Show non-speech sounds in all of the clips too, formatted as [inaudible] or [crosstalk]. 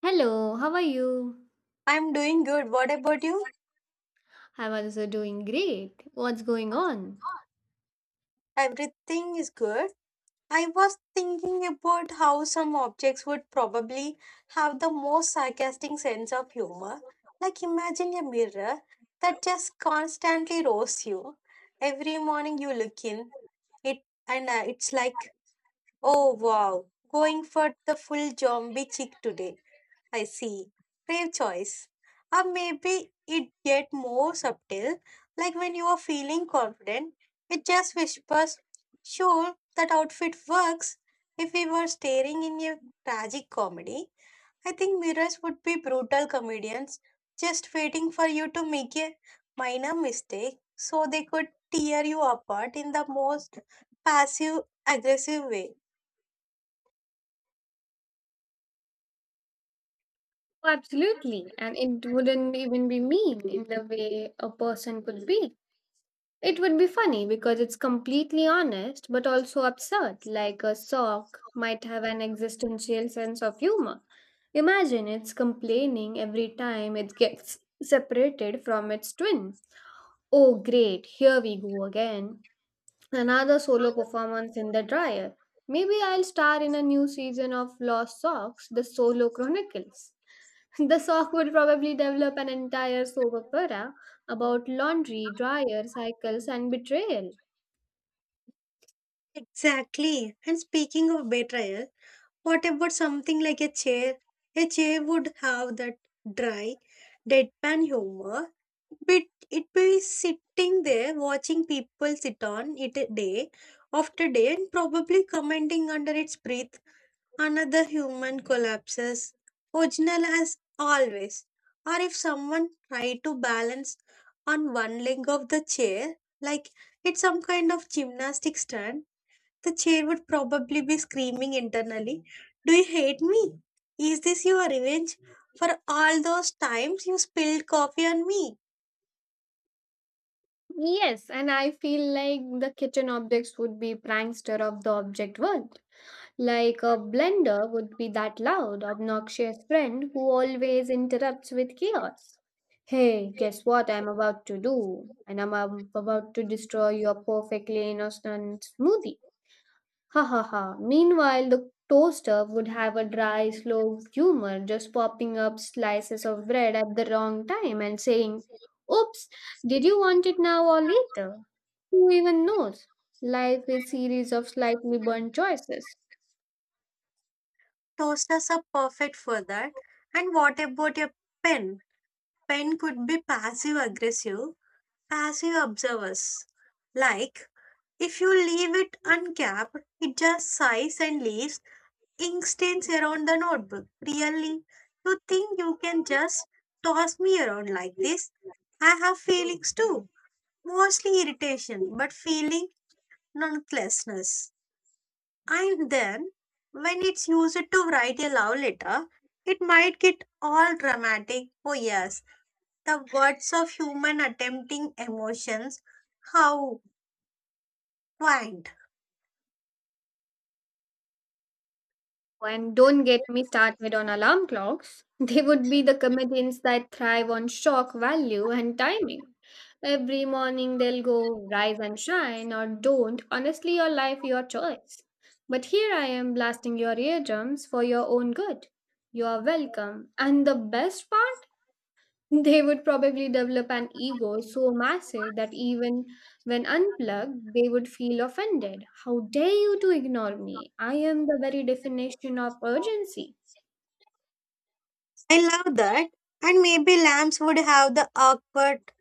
Hello, how are you? I'm doing good. What about you? I'm also doing great. What's going on? Everything is good. I was thinking about how some objects would probably have the most sarcastic sense of humor. Like imagine a mirror that just constantly roasts you. Every morning you look in it and it's like, "Oh wow, going for the full zombie chick today." I see. Brave choice. Or maybe it get more subtle, like when you are feeling confident, it just whispers, sure, that outfit works. If we were staring in a tragic comedy, I think mirrors would be brutal comedians just waiting for you to make a minor mistake so they could tear you apart in the most passive aggressive way. Oh, absolutely. And it wouldn't even be mean in the way a person could be. It would be funny because it's completely honest but also absurd, like a sock might have an existential sense of humor. Imagine it's complaining every time it gets separated from its twin. Oh, great, here we go again. Another solo performance in the dryer. Maybe I'll star in a new season of Lost Socks, The Solo Chronicles. [laughs] The sock will probably develop an entire soap opera about laundry, dryer, cycles, and betrayal. Exactly. And speaking of betrayal, what about something like a chair? A chair would have that dry, deadpan humor. But it be sitting there watching people sit on it day after day and probably commenting under its breath. Another human collapses, original as always. Or if someone tried to balance on one leg of the chair, like it's some kind of gymnastic stand, the chair would probably be screaming internally, do you hate me? Is this your revenge for all those times you spilled coffee on me? Yes, and I feel like the kitchen objects would be prankster of the object world. Like a blender would be that loud, obnoxious friend who always interrupts with chaos. Hey, guess what I'm about to do? And I'm about to destroy your perfectly innocent smoothie. Ha ha ha. Meanwhile, the toaster would have a dry, slow humor, just popping up slices of bread at the wrong time and saying, "Oops, did you want it now or later? Who even knows? Life is series of slightly burnt choices." Toasters are perfect for that. And what about your pen? Pen could be passive aggressive, passive observers. Like, if you leave it uncapped, it just sighs and leaves ink stains around the notebook. Really? You think you can just toss me around like this? I have feelings too, mostly irritation, but feeling nonlessness. And then, when it's used to write a love letter, it might get all dramatic. Oh, yes, the words of human attempting emotions. How quaint. And don't get me started on alarm clocks. [laughs] They would be the comedians that thrive on shock value and timing. Every morning they'll go, "Rise and shine, or don't, honestly, your life, your choice. But here I am blasting your eardrums for your own good. You are welcome." And the best part? They would probably develop an ego so massive that even when unplugged, they would feel offended. "How dare you to ignore me? I am the very definition of urgency." I love that. And maybe lambs would have the awkward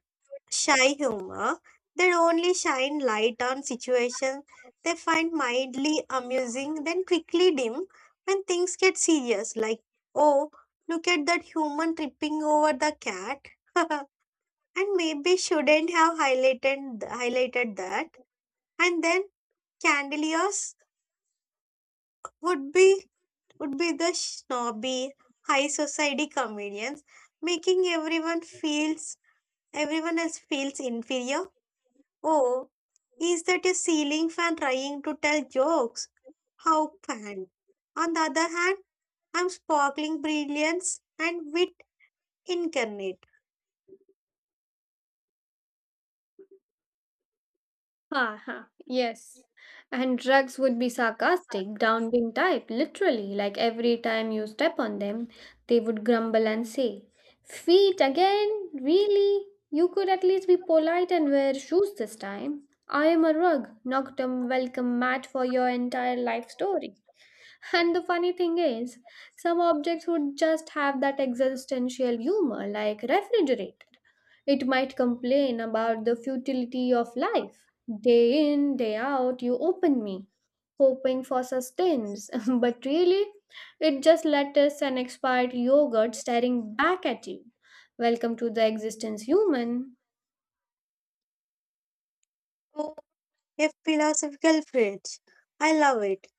shy humor. They only shine light on situations they find mildly amusing, then quickly dim when things get serious. Like, oh, look at that human tripping over the cat. [laughs] And maybe shouldn't have highlighted that. And then Candeliers would be would be the snobby high society comedians, making everyone else feels inferior. Oh, is that a ceiling fan trying to tell jokes? How can? On the other hand, I'm sparkling brilliance and wit incarnate. Ha! Ha, yes. And drugs would be sarcastic, downbeat type, literally, like every time you step on them, they would grumble and say, "Feet again? Really? You could at least be polite and wear shoes this time. I am a rug, noctum welcome mat for your entire life story." And the funny thing is, some objects would just have that existential humor, like refrigerator. It might complain about the futility of life. "Day in, day out, you open me, hoping for sustenance. [laughs] but really, it just lettuce and expired yogurt staring back at you. Welcome to the existence, human." Oh, a philosophical fridge. I love it.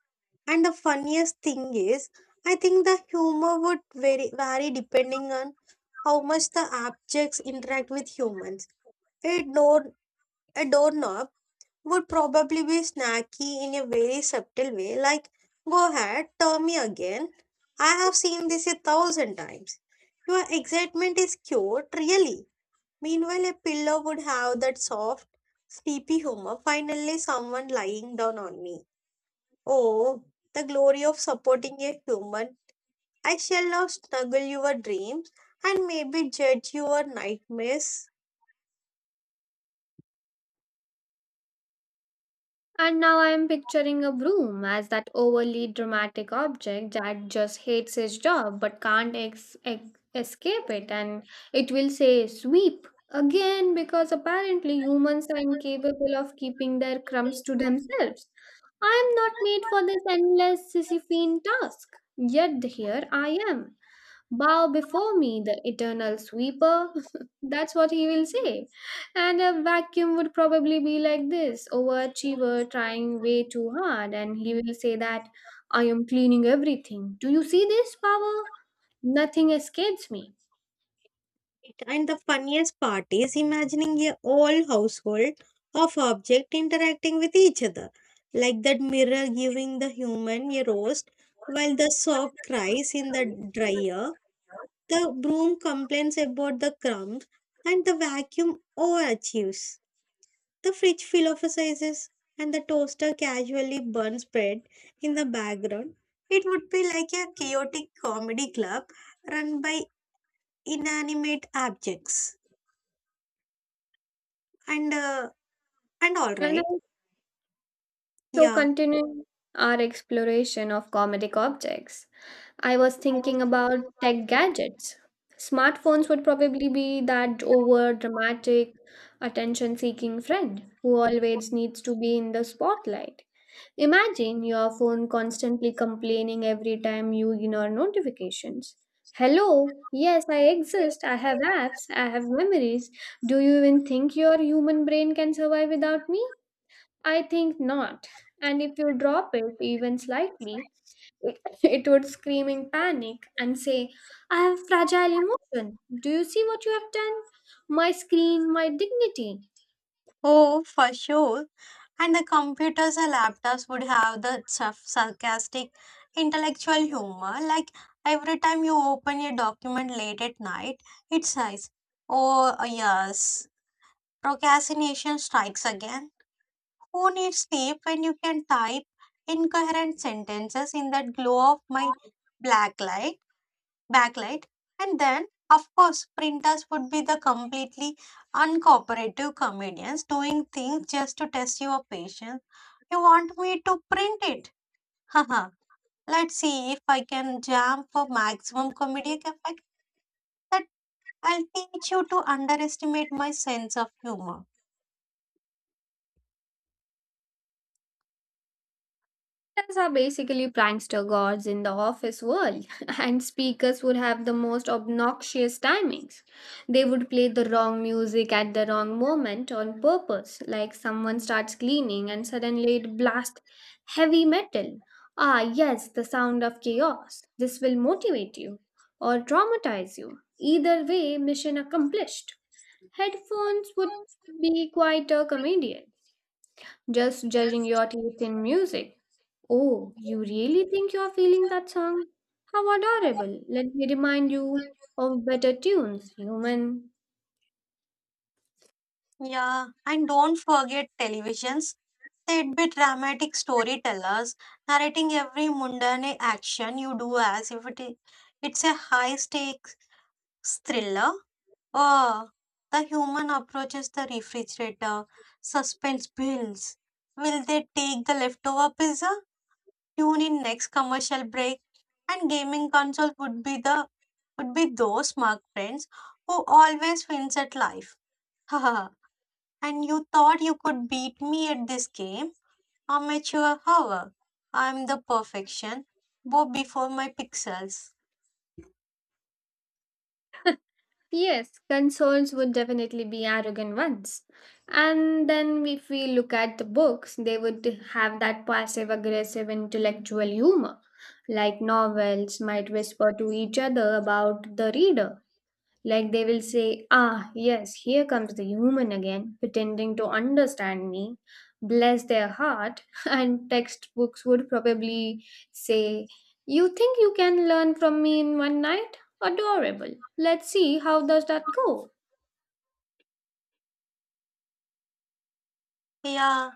And the funniest thing is, I think the humor would vary depending on how much the objects interact with humans. A door, a doorknob would probably be snacky in a very subtle way, like, go ahead, tell me again. I have seen this a thousand times. Your excitement is cute, really. Meanwhile, a pillow would have that soft, sleepy humor. Finally, someone lying down on me. Oh, the glory of supporting a human. I shall now snuggle your dreams and maybe judge your nightmares. And now I'm picturing a broom as that overly dramatic object that just hates his job but can't escape it. And it will say, "Sweep again, because apparently humans are incapable of keeping their crumbs to themselves. I am not made for this endless Sisyphean task. Yet here I am, bow before me, the eternal sweeper." [laughs] That's what he will say. And a vacuum would probably be like this overachiever trying way too hard. And he will say that, "I am cleaning everything. Do you see this power? Nothing escapes me." Right. And the funniest part is imagining a whole household of objects interacting with each other, like that mirror giving the human a roast, while the sock cries in the dryer, the broom complains about the crumbs, and the vacuum overachieves. The fridge philosophizes, and the toaster casually burns bread in the background. It would be like a chaotic comedy club run by inanimate objects. and uh, and all And I right. So, Yeah. continuing our exploration of comedic objects, I was thinking about tech gadgets. Smartphones would probably be that over dramatic, attention seeking friend who always needs to be in the spotlight. Imagine your phone constantly complaining every time you ignore notifications. "Hello, yes, I exist. I have apps, I have memories. Do you even think your human brain can survive without me? I think not." And if you drop it even slightly, it, [laughs] it would scream in panic and say, "I have fragile emotion. Do you see what you have done? My screen, my dignity." Oh, for sure. And the computers and laptops would have the sarcastic intellectual humor. Like every time you open a document late at night, it says, oh, yes, procrastination strikes again. Who needs sleep when you can type incoherent sentences in that glow of my black light? backlight. And then of course printers would be the completely uncooperative comedians doing things just to test your patience. You want me to print it? Haha. Let's see if I can jam for maximum comedic effect. That I'll teach you to underestimate my sense of humor. Actors are basically prankster gods in the office world, [laughs] and speakers would have the most obnoxious timings. They would play the wrong music at the wrong moment on purpose, like someone starts cleaning and suddenly it blasts heavy metal. "Ah, yes, the sound of chaos. This will motivate you or traumatize you. Either way, mission accomplished." Headphones would be quite a comedian. Just judging your taste in music. "Oh, you really think you're feeling that song? How adorable. Let me remind you of better tunes, human." Yeah, and don't forget televisions. They'd be dramatic storytellers, narrating every mundane action you do as if it's a high stakes thriller? Oh, the human approaches the refrigerator. Suspense builds. Will they take the leftover pizza? Tune in next commercial break. And gaming console would be the would be those smart friends who always wins at life. Haha. And you thought you could beat me at this game? Amateur hour. I'm the perfection. Go before my pixels. Yes, consoles would definitely be arrogant ones. And then, if we look at the books, they would have that passive aggressive intellectual humor. Like novels might whisper to each other about the reader. Like they will say, "Ah, yes, here comes the human again, pretending to understand me. Bless their heart." [laughs] And textbooks would probably say, "You think you can learn from me in one night? Adorable. Let's see how does that go." Yeah.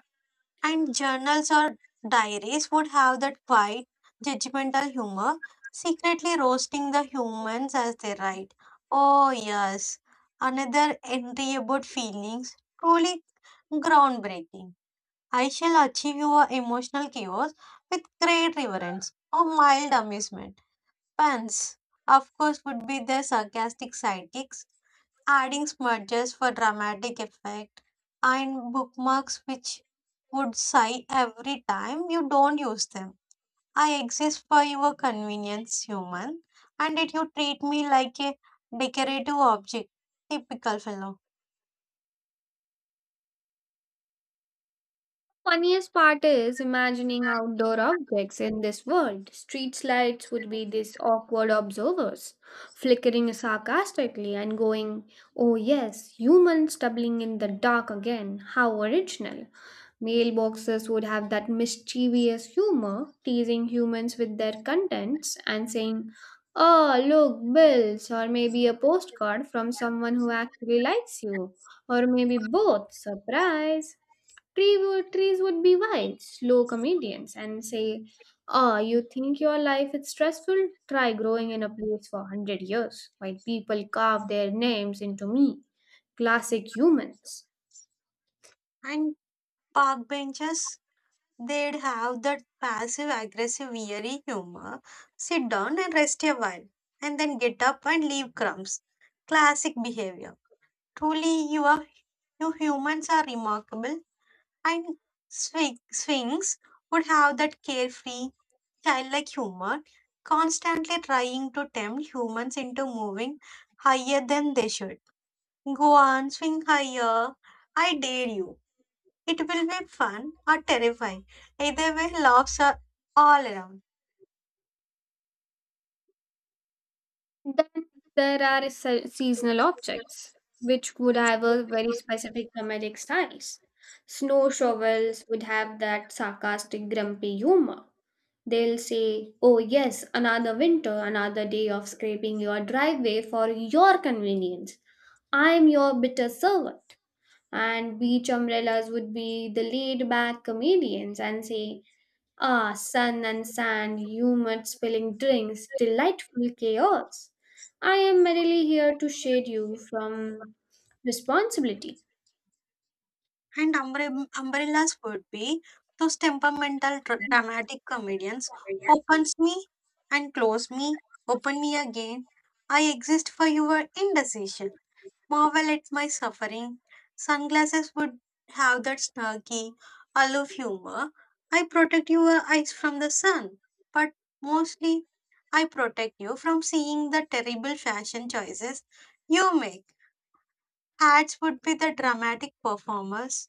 And journals or diaries would have that quiet, judgmental humor, secretly roasting the humans as they write. Oh, yes, another entry about feelings, truly groundbreaking. I shall achieve your emotional chaos with great reverence or mild amusement. Pants, of course, would be the sarcastic sidekicks adding smudges for dramatic effect, and bookmarks which would sigh every time you don't use them. I exist for your convenience, human, and yet you treat me like a decorative object. Typical fellow. Funniest part is imagining outdoor objects in this world. Street lights would be these awkward observers, flickering sarcastically and going, "Oh, yes, humans doubling in the dark again. How original." Mailboxes would have that mischievous humor, teasing humans with their contents and saying, "Oh, look, bills, or maybe a postcard from someone who actually likes you, or maybe both. Surprise!" Trees would be wild, slow comedians and say, "Ah, you think your life is stressful? Try growing in a place for 100 years while people carve their names into me. Classic humans." And park benches, they'd have that passive aggressive eerie humor. Sit down and rest a while, and then get up and leave crumbs. Classic behavior. Truly, you humans are remarkable. I Sphinx would have that carefree, childlike humor, constantly trying to tempt humans into moving higher than they should. Go on, swing higher. I dare you. It will be fun or terrifying. Either way, laughs are all around. Then there are seasonal objects, which would have a very specific comedic styles. Snow shovels would have that sarcastic, grumpy humor. They'll say, "Oh, yes, another winter, another day of scraping your driveway for your convenience. I'm your bitter servant." And beach umbrellas would be the laid back comedians and say, "Ah, sun and sand, humid spilling drinks, delightful chaos. I am merely here to shade you from responsibility." And umbrellas would be those temperamental, dramatic comedians. Opens me and close me, open me again. I exist for your indecision. Marvel at my suffering. Sunglasses would have that snarky, aloof humor. I protect your eyes from the sun, but mostly I protect you from seeing the terrible fashion choices you make. Hats would be the dramatic performers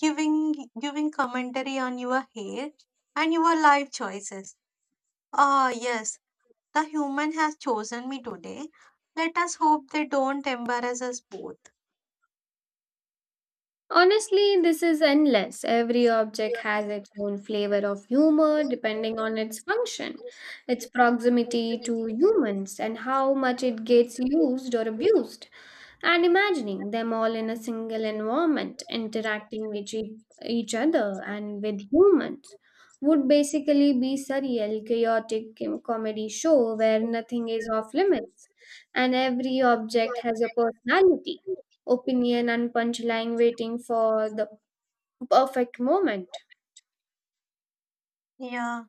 giving commentary on your hair and your life choices. Ah, yes, the human has chosen me today. Let us hope they don't embarrass us both. Honestly, this is endless. Every object has its own flavor of humor depending on its function, its proximity to humans, and how much it gets used or abused. And imagining them all in a single environment, interacting with each other and with humans, would basically be surreal, chaotic comedy show where nothing is off limits and every object has a personality opinion and punchline waiting for the perfect moment. Yeah,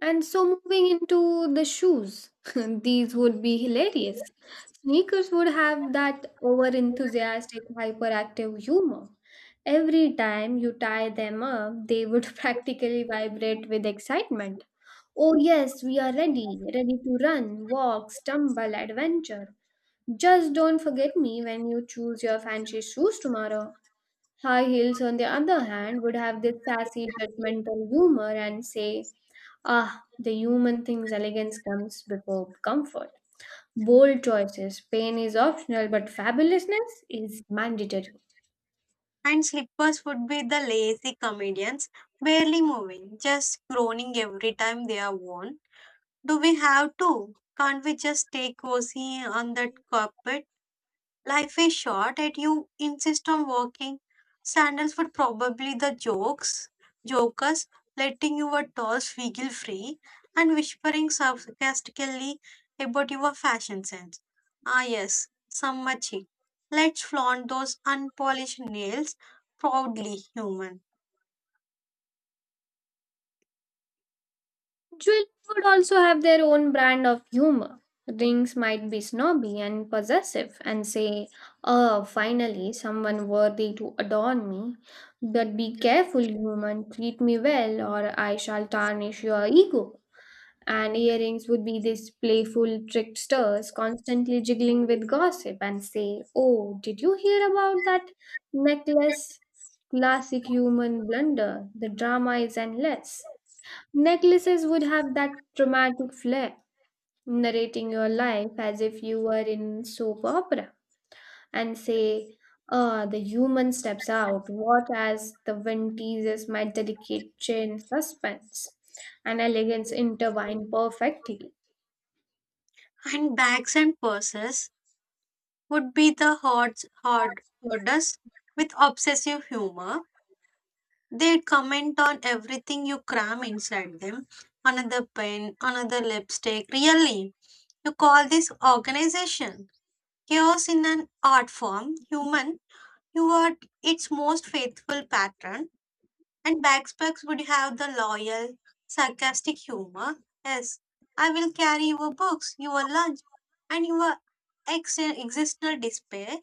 And so moving into the shoes, [laughs] these would be hilarious. Sneakers would have that over enthusiastic, hyperactive humor. Every time you tie them up, they would [laughs] practically vibrate with excitement. "Oh, yes, we are ready, ready to run, walk, stumble, adventure. Just don't forget me when you choose your fancy shoes tomorrow." High heels, on the other hand, would have this sassy, judgmental humor and say, "Ah, the human thing's elegance comes before comfort. Bold choices, pain is optional, but fabulousness is mandatory." and slippers would be the lazy comedians, barely moving, just groaning every time they are worn. Do we have to? Can't we just stay cozy on that carpet? Life is short and you insist on working. Sandals would probably the jokers, letting your dolls wiggle free and whispering sarcastically about your fashion sense. Ah, yes, sammachi. Let's flaunt those unpolished nails proudly human. Jewelry would also have their own brand of humor. Rings might be snobby and possessive and say, "Oh, finally, someone worthy to adorn me. But be careful, human, treat me well, or I shall tarnish your ego." And earrings would be these playful tricksters constantly jiggling with gossip and say, "Oh, did you hear about that necklace? Classic human blunder. The drama is endless." Necklaces would have that dramatic flair, narrating your life as if you were in soap opera and say, "Ah, the human steps out. What as the wind teases my delicate chain suspense and elegance intertwine perfectly." And bags and purses would be the hardest with obsessive humor. They comment on everything you cram inside them. Another pen, another lipstick. Really, you call this organization chaos in an art form, human. You are its most faithful patron, and backpacks would have the loyal, sarcastic humor. Yes, I will carry your books, your lunch, and your existential despair.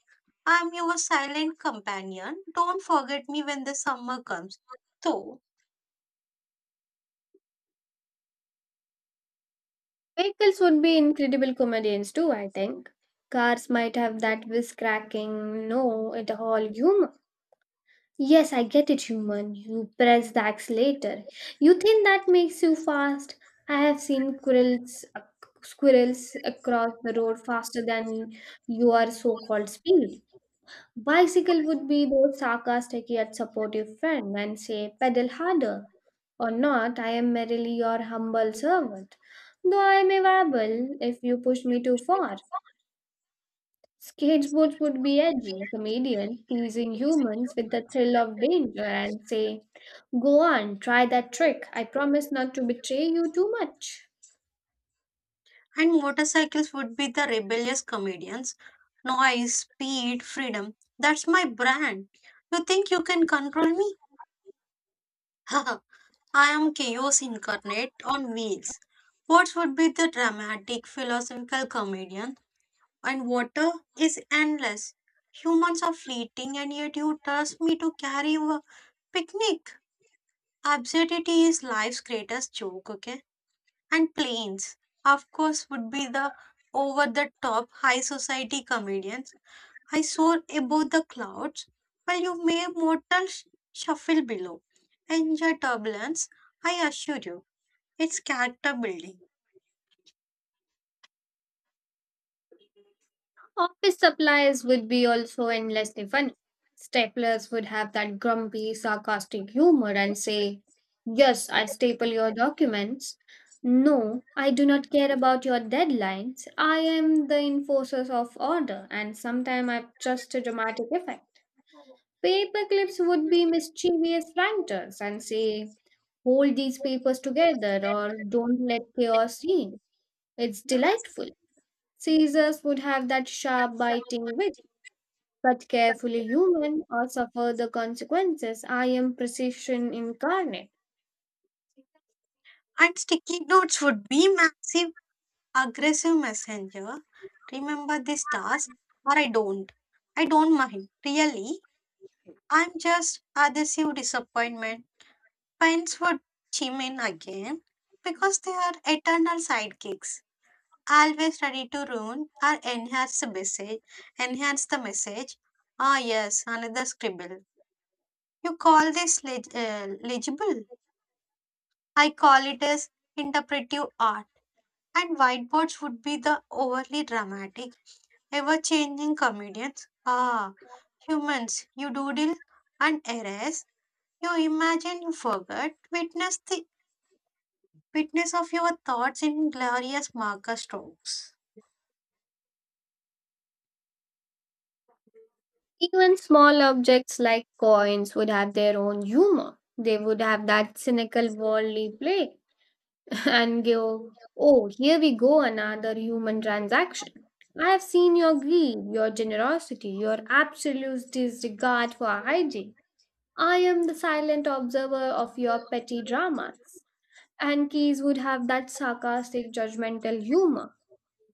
I am your silent companion. Don't forget me when the summer comes. So, Vehicles would be incredible comedians too, I think. Cars might have that whiz cracking, no, it all humor. "Yes, I get it, human. You press the accelerator. You think that makes you fast? I have seen squirrels, across the road faster than your so called speed." Bicycle would be those sarcastic yet supportive friend and say, "Pedal harder. Or not, I am merely your humble servant, though I may wabble if you push me too far." Skateboards would be edgy, comedians teasing humans with the thrill of danger and say, "Go on, try that trick. I promise not to betray you too much." and motorcycles would be the rebellious comedians. Noise, speed, freedom. That's my brand. You think you can control me? [laughs] I am chaos incarnate on wheels. What would be the dramatic philosophical comedian? And water is endless. Humans are fleeting, and yet you trust me to carry you a picnic. Absurdity is life's greatest joke, okay? And planes, of course, would be the over the top high society comedians. I soar above the clouds, while you mere mortals shuffle below. Enjoy turbulence, I assure you, it's character building. Office supplies would be also endlessly funny. Staplers would have that grumpy, sarcastic humor and say, "Yes, I staple your documents. No, I do not care about your deadlines. I am the enforcer of order, and sometimes I'm just a dramatic effect." Paperclips would be mischievous ranters and say, "Hold these papers together or don't let chaos in. It's delightful." Caesars would have that sharp biting wit but carefully human or suffer the consequences. "I am precision incarnate." And sticky notes would be massive, aggressive messenger. Remember this task, or I don't. I don't mind. Really, I'm just adhesive disappointment. Friends would chime in again because they are eternal sidekicks, always ready to ruin or enhance the message. Enhance the message. Ah, yes, another scribble. You call this legible? I call it as interpretive art. And whiteboards would be the overly dramatic, ever-changing comedians. Ah, humans, you doodle and erase. You imagine you forget. Witness of your thoughts in glorious marker strokes. Even small objects like coins would have their own humor. They would have that cynical worldly play [laughs] and go, "Oh, here we go, another human transaction. I have seen your greed, your generosity, your absolute disregard for hygiene. I am the silent observer of your petty dramas." And keys would have that sarcastic, judgmental humor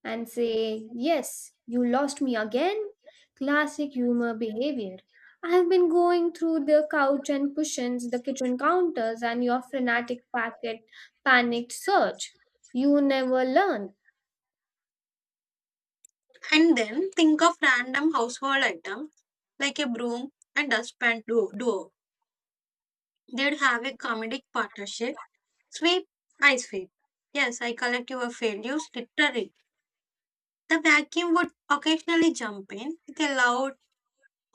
and say, "Yes, you lost me again? Classic humor behavior. I have been going through the couch and cushions, the kitchen counters, and your frenetic packet panicked search. You never learn." And then think of random household item like a broom and dustpan duo. They'd have a comedic partnership. Sweep, I sweep. Yes, I collect your failures literally. The vacuum would occasionally jump in with a loud,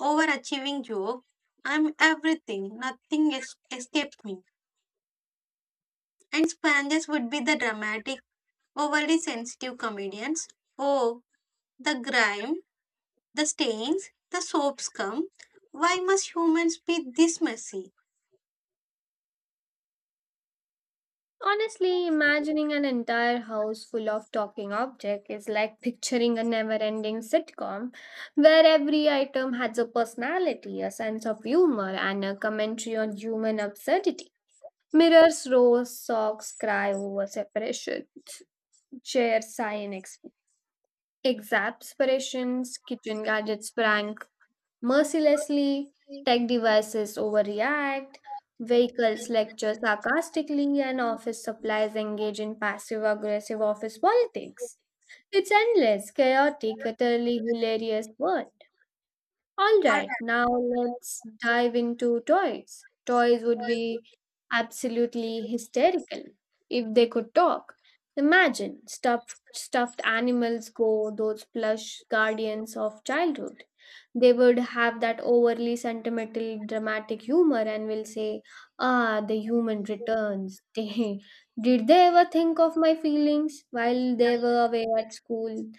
overachieving joke. I'm everything, nothing escapes me. And sponges would be the dramatic, overly sensitive comedians. Oh, the grime, the stains, the soaps come. Why must humans be this messy? Honestly, imagining an entire house full of talking objects is like picturing a never ending sitcom where every item has a personality, a sense of humor, and a commentary on human absurdity. Mirrors roar, socks cry over separation, chairs sigh in exasperations, kitchen gadgets prank mercilessly, tech devices overreact, vehicles lecture sarcastically, and office supplies engage in passive aggressive office politics. It's endless, chaotic, utterly hilarious world. All All right, right. now let's dive into toys. Toys would be absolutely hysterical if they could talk. Imagine stuffed animals go those plush guardians of childhood. They would have that overly sentimental dramatic humor and will say, "Ah, the human returns. [laughs] Did they ever think of my feelings while they were away at school?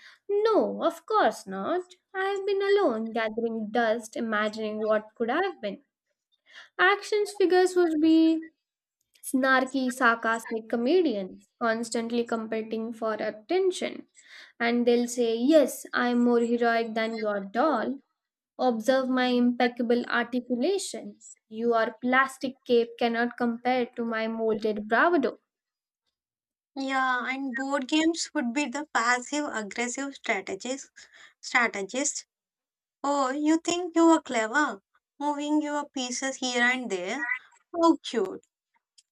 No, of course not. I have been alone gathering dust imagining what could have been." Actions figures would be snarky sarcastic comedians constantly competing for attention, and they'll say, "Yes, I'm more heroic than your doll. Observe my impeccable articulation. Your plastic cape cannot compare to my molded bravado." Yeah, and board games would be the passive aggressive strategies. strategist. Oh, you think you are clever, moving your pieces here and there. How cute.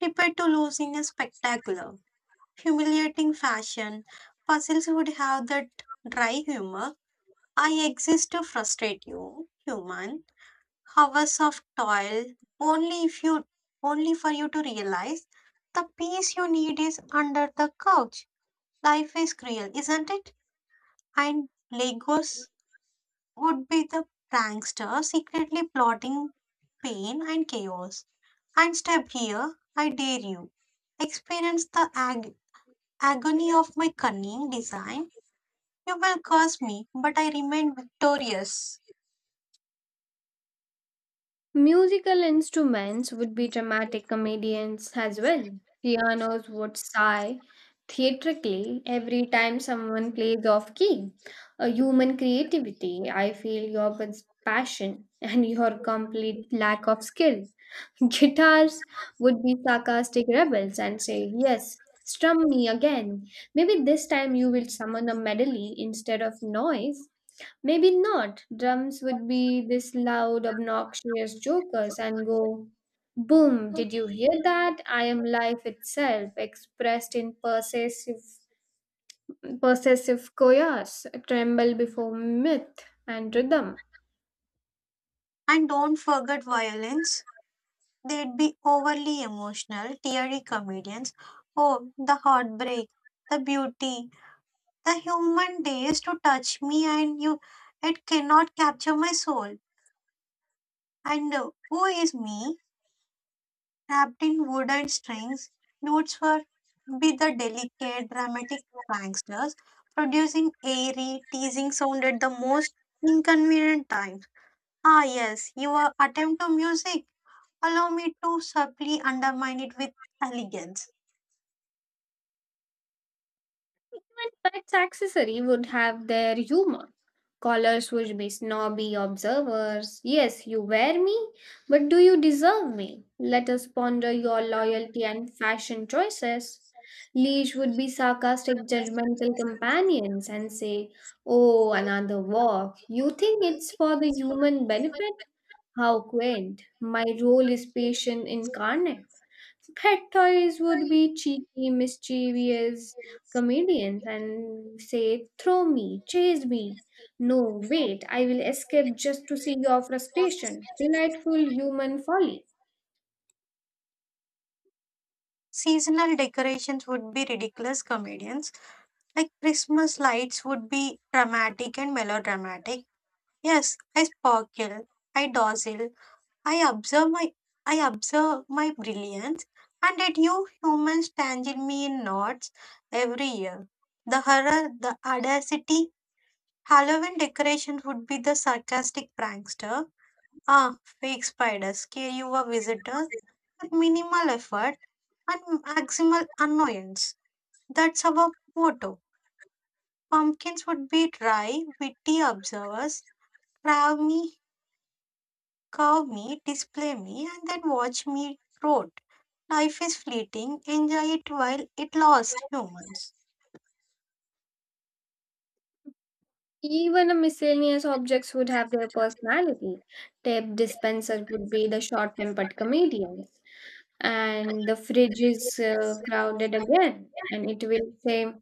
Prepare to lose in a spectacular, humiliating fashion. Puzzles would have that dry humor. I exist to frustrate you, human. Hours of toil, only if you only for you to realize the peace you need is under the couch. Life is cruel, isn't it? And legos would be the prankster secretly plotting pain and chaos. And step here, I dare you. Experience the agony of my cunning design. You will curse me, but I remain victorious. Musical instruments would be dramatic comedians as well. Pianos would sigh theatrically every time someone plays off key. "A human creativity, I feel your passion [laughs] and your complete lack of skill." [laughs] Guitars would be sarcastic rebels and say, "Yes, strum me again. Maybe this time you will summon a melody instead of noise. Maybe not." Drums would be this loud, obnoxious jokers and go, "Boom, did you hear that? I am life itself, expressed in possessive, koyas, tremble before myth and rhythm." And don't forget violence. They'd be overly emotional, teary comedians. Oh, the heartbreak, the beauty, the human days to touch me, and you, it cannot capture my soul. And Who is me, wrapped in wood and strings? Notes were be the delicate, dramatic pranksters, producing airy, teasing sound at the most inconvenient times. Ah, yes, your attempt to music. Allow me to subtly undermine it with elegance. Even pet's accessory would have their humor. Callers would be snobby observers. "Yes, you wear me, but do you deserve me? Let us ponder your loyalty and fashion choices." Leash would be sarcastic, judgmental companions and say, "Oh, another walk. You think it's for the human benefit? How quaint. My role is patient incarnate." Pet toys would be cheeky, mischievous, comedians and say, "Throw me, chase me. No, wait, I will escape just to see your frustration. Delightful human folly." Seasonal decorations would be ridiculous comedians. Like Christmas lights would be dramatic and melodramatic. Yes, I sparkle, I dazzle, I observe my I observe my brilliance, and yet you humans tangle me in knots every year. The horror, the audacity. Halloween decorations would be the sarcastic prankster. Ah, fake spiders scare you a visitor with minimal effort and maximal annoyance. That's our motto. Pumpkins would be dry, witty observers. Crab me, curve me, display me, and then watch me rot. Life is fleeting. Enjoy it while it lasts humans. Even a miscellaneous objects would have their personality. Tape dispenser would be the short-tempered comedians, and the fridge is crowded again, and it will say,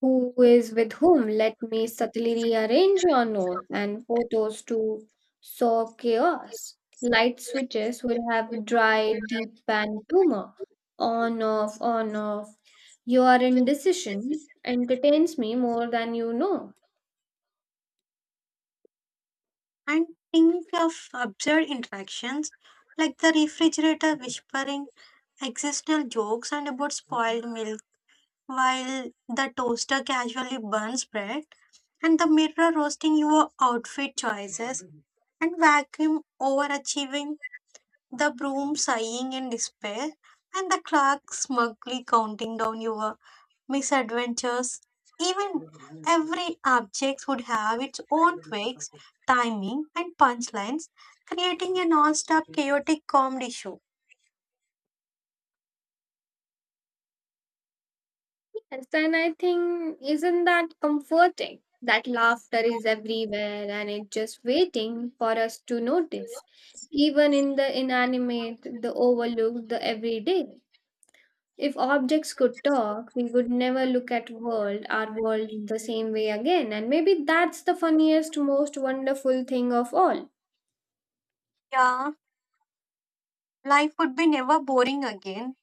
"Who is with whom? Let me subtly rearrange your notes and photos to sow chaos." Light switches will have dry, deep pan humor. "On, off, on, off. Your indecision entertains me more than you know." And think of absurd interactions like the refrigerator whispering existential jokes and about spoiled milk, while the toaster casually burns bread, and the mirror roasting your outfit choices, and vacuum overachieving, the broom sighing in despair, and the clerk smugly counting down your misadventures. Even every object would have its own tweaks, timing, and punchlines, creating a non-stop chaotic comedy show. Yes, and I think, isn't that comforting? That laughter is everywhere and it's just waiting for us to notice. Even in the inanimate, the overlooked, the everyday. If objects could talk, we would never look at world, our world the same way again, and maybe that's the funniest, most wonderful thing of all. Yeah, life would be never boring again.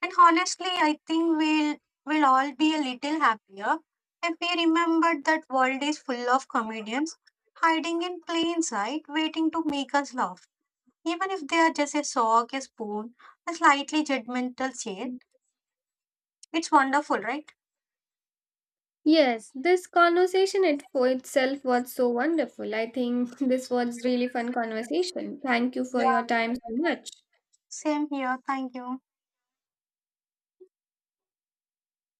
And honestly, I think we'll all be a little happier if we remembered that world is full of comedians hiding in plain sight, waiting to make us laugh. Even if they are just a sock, a spoon, a slightly judgmental chair, it's wonderful, right? Yes, this conversation it for itself was so wonderful. I think [laughs] this was really fun conversation. Thank you Yeah. for your time so much. Same here. Thank you.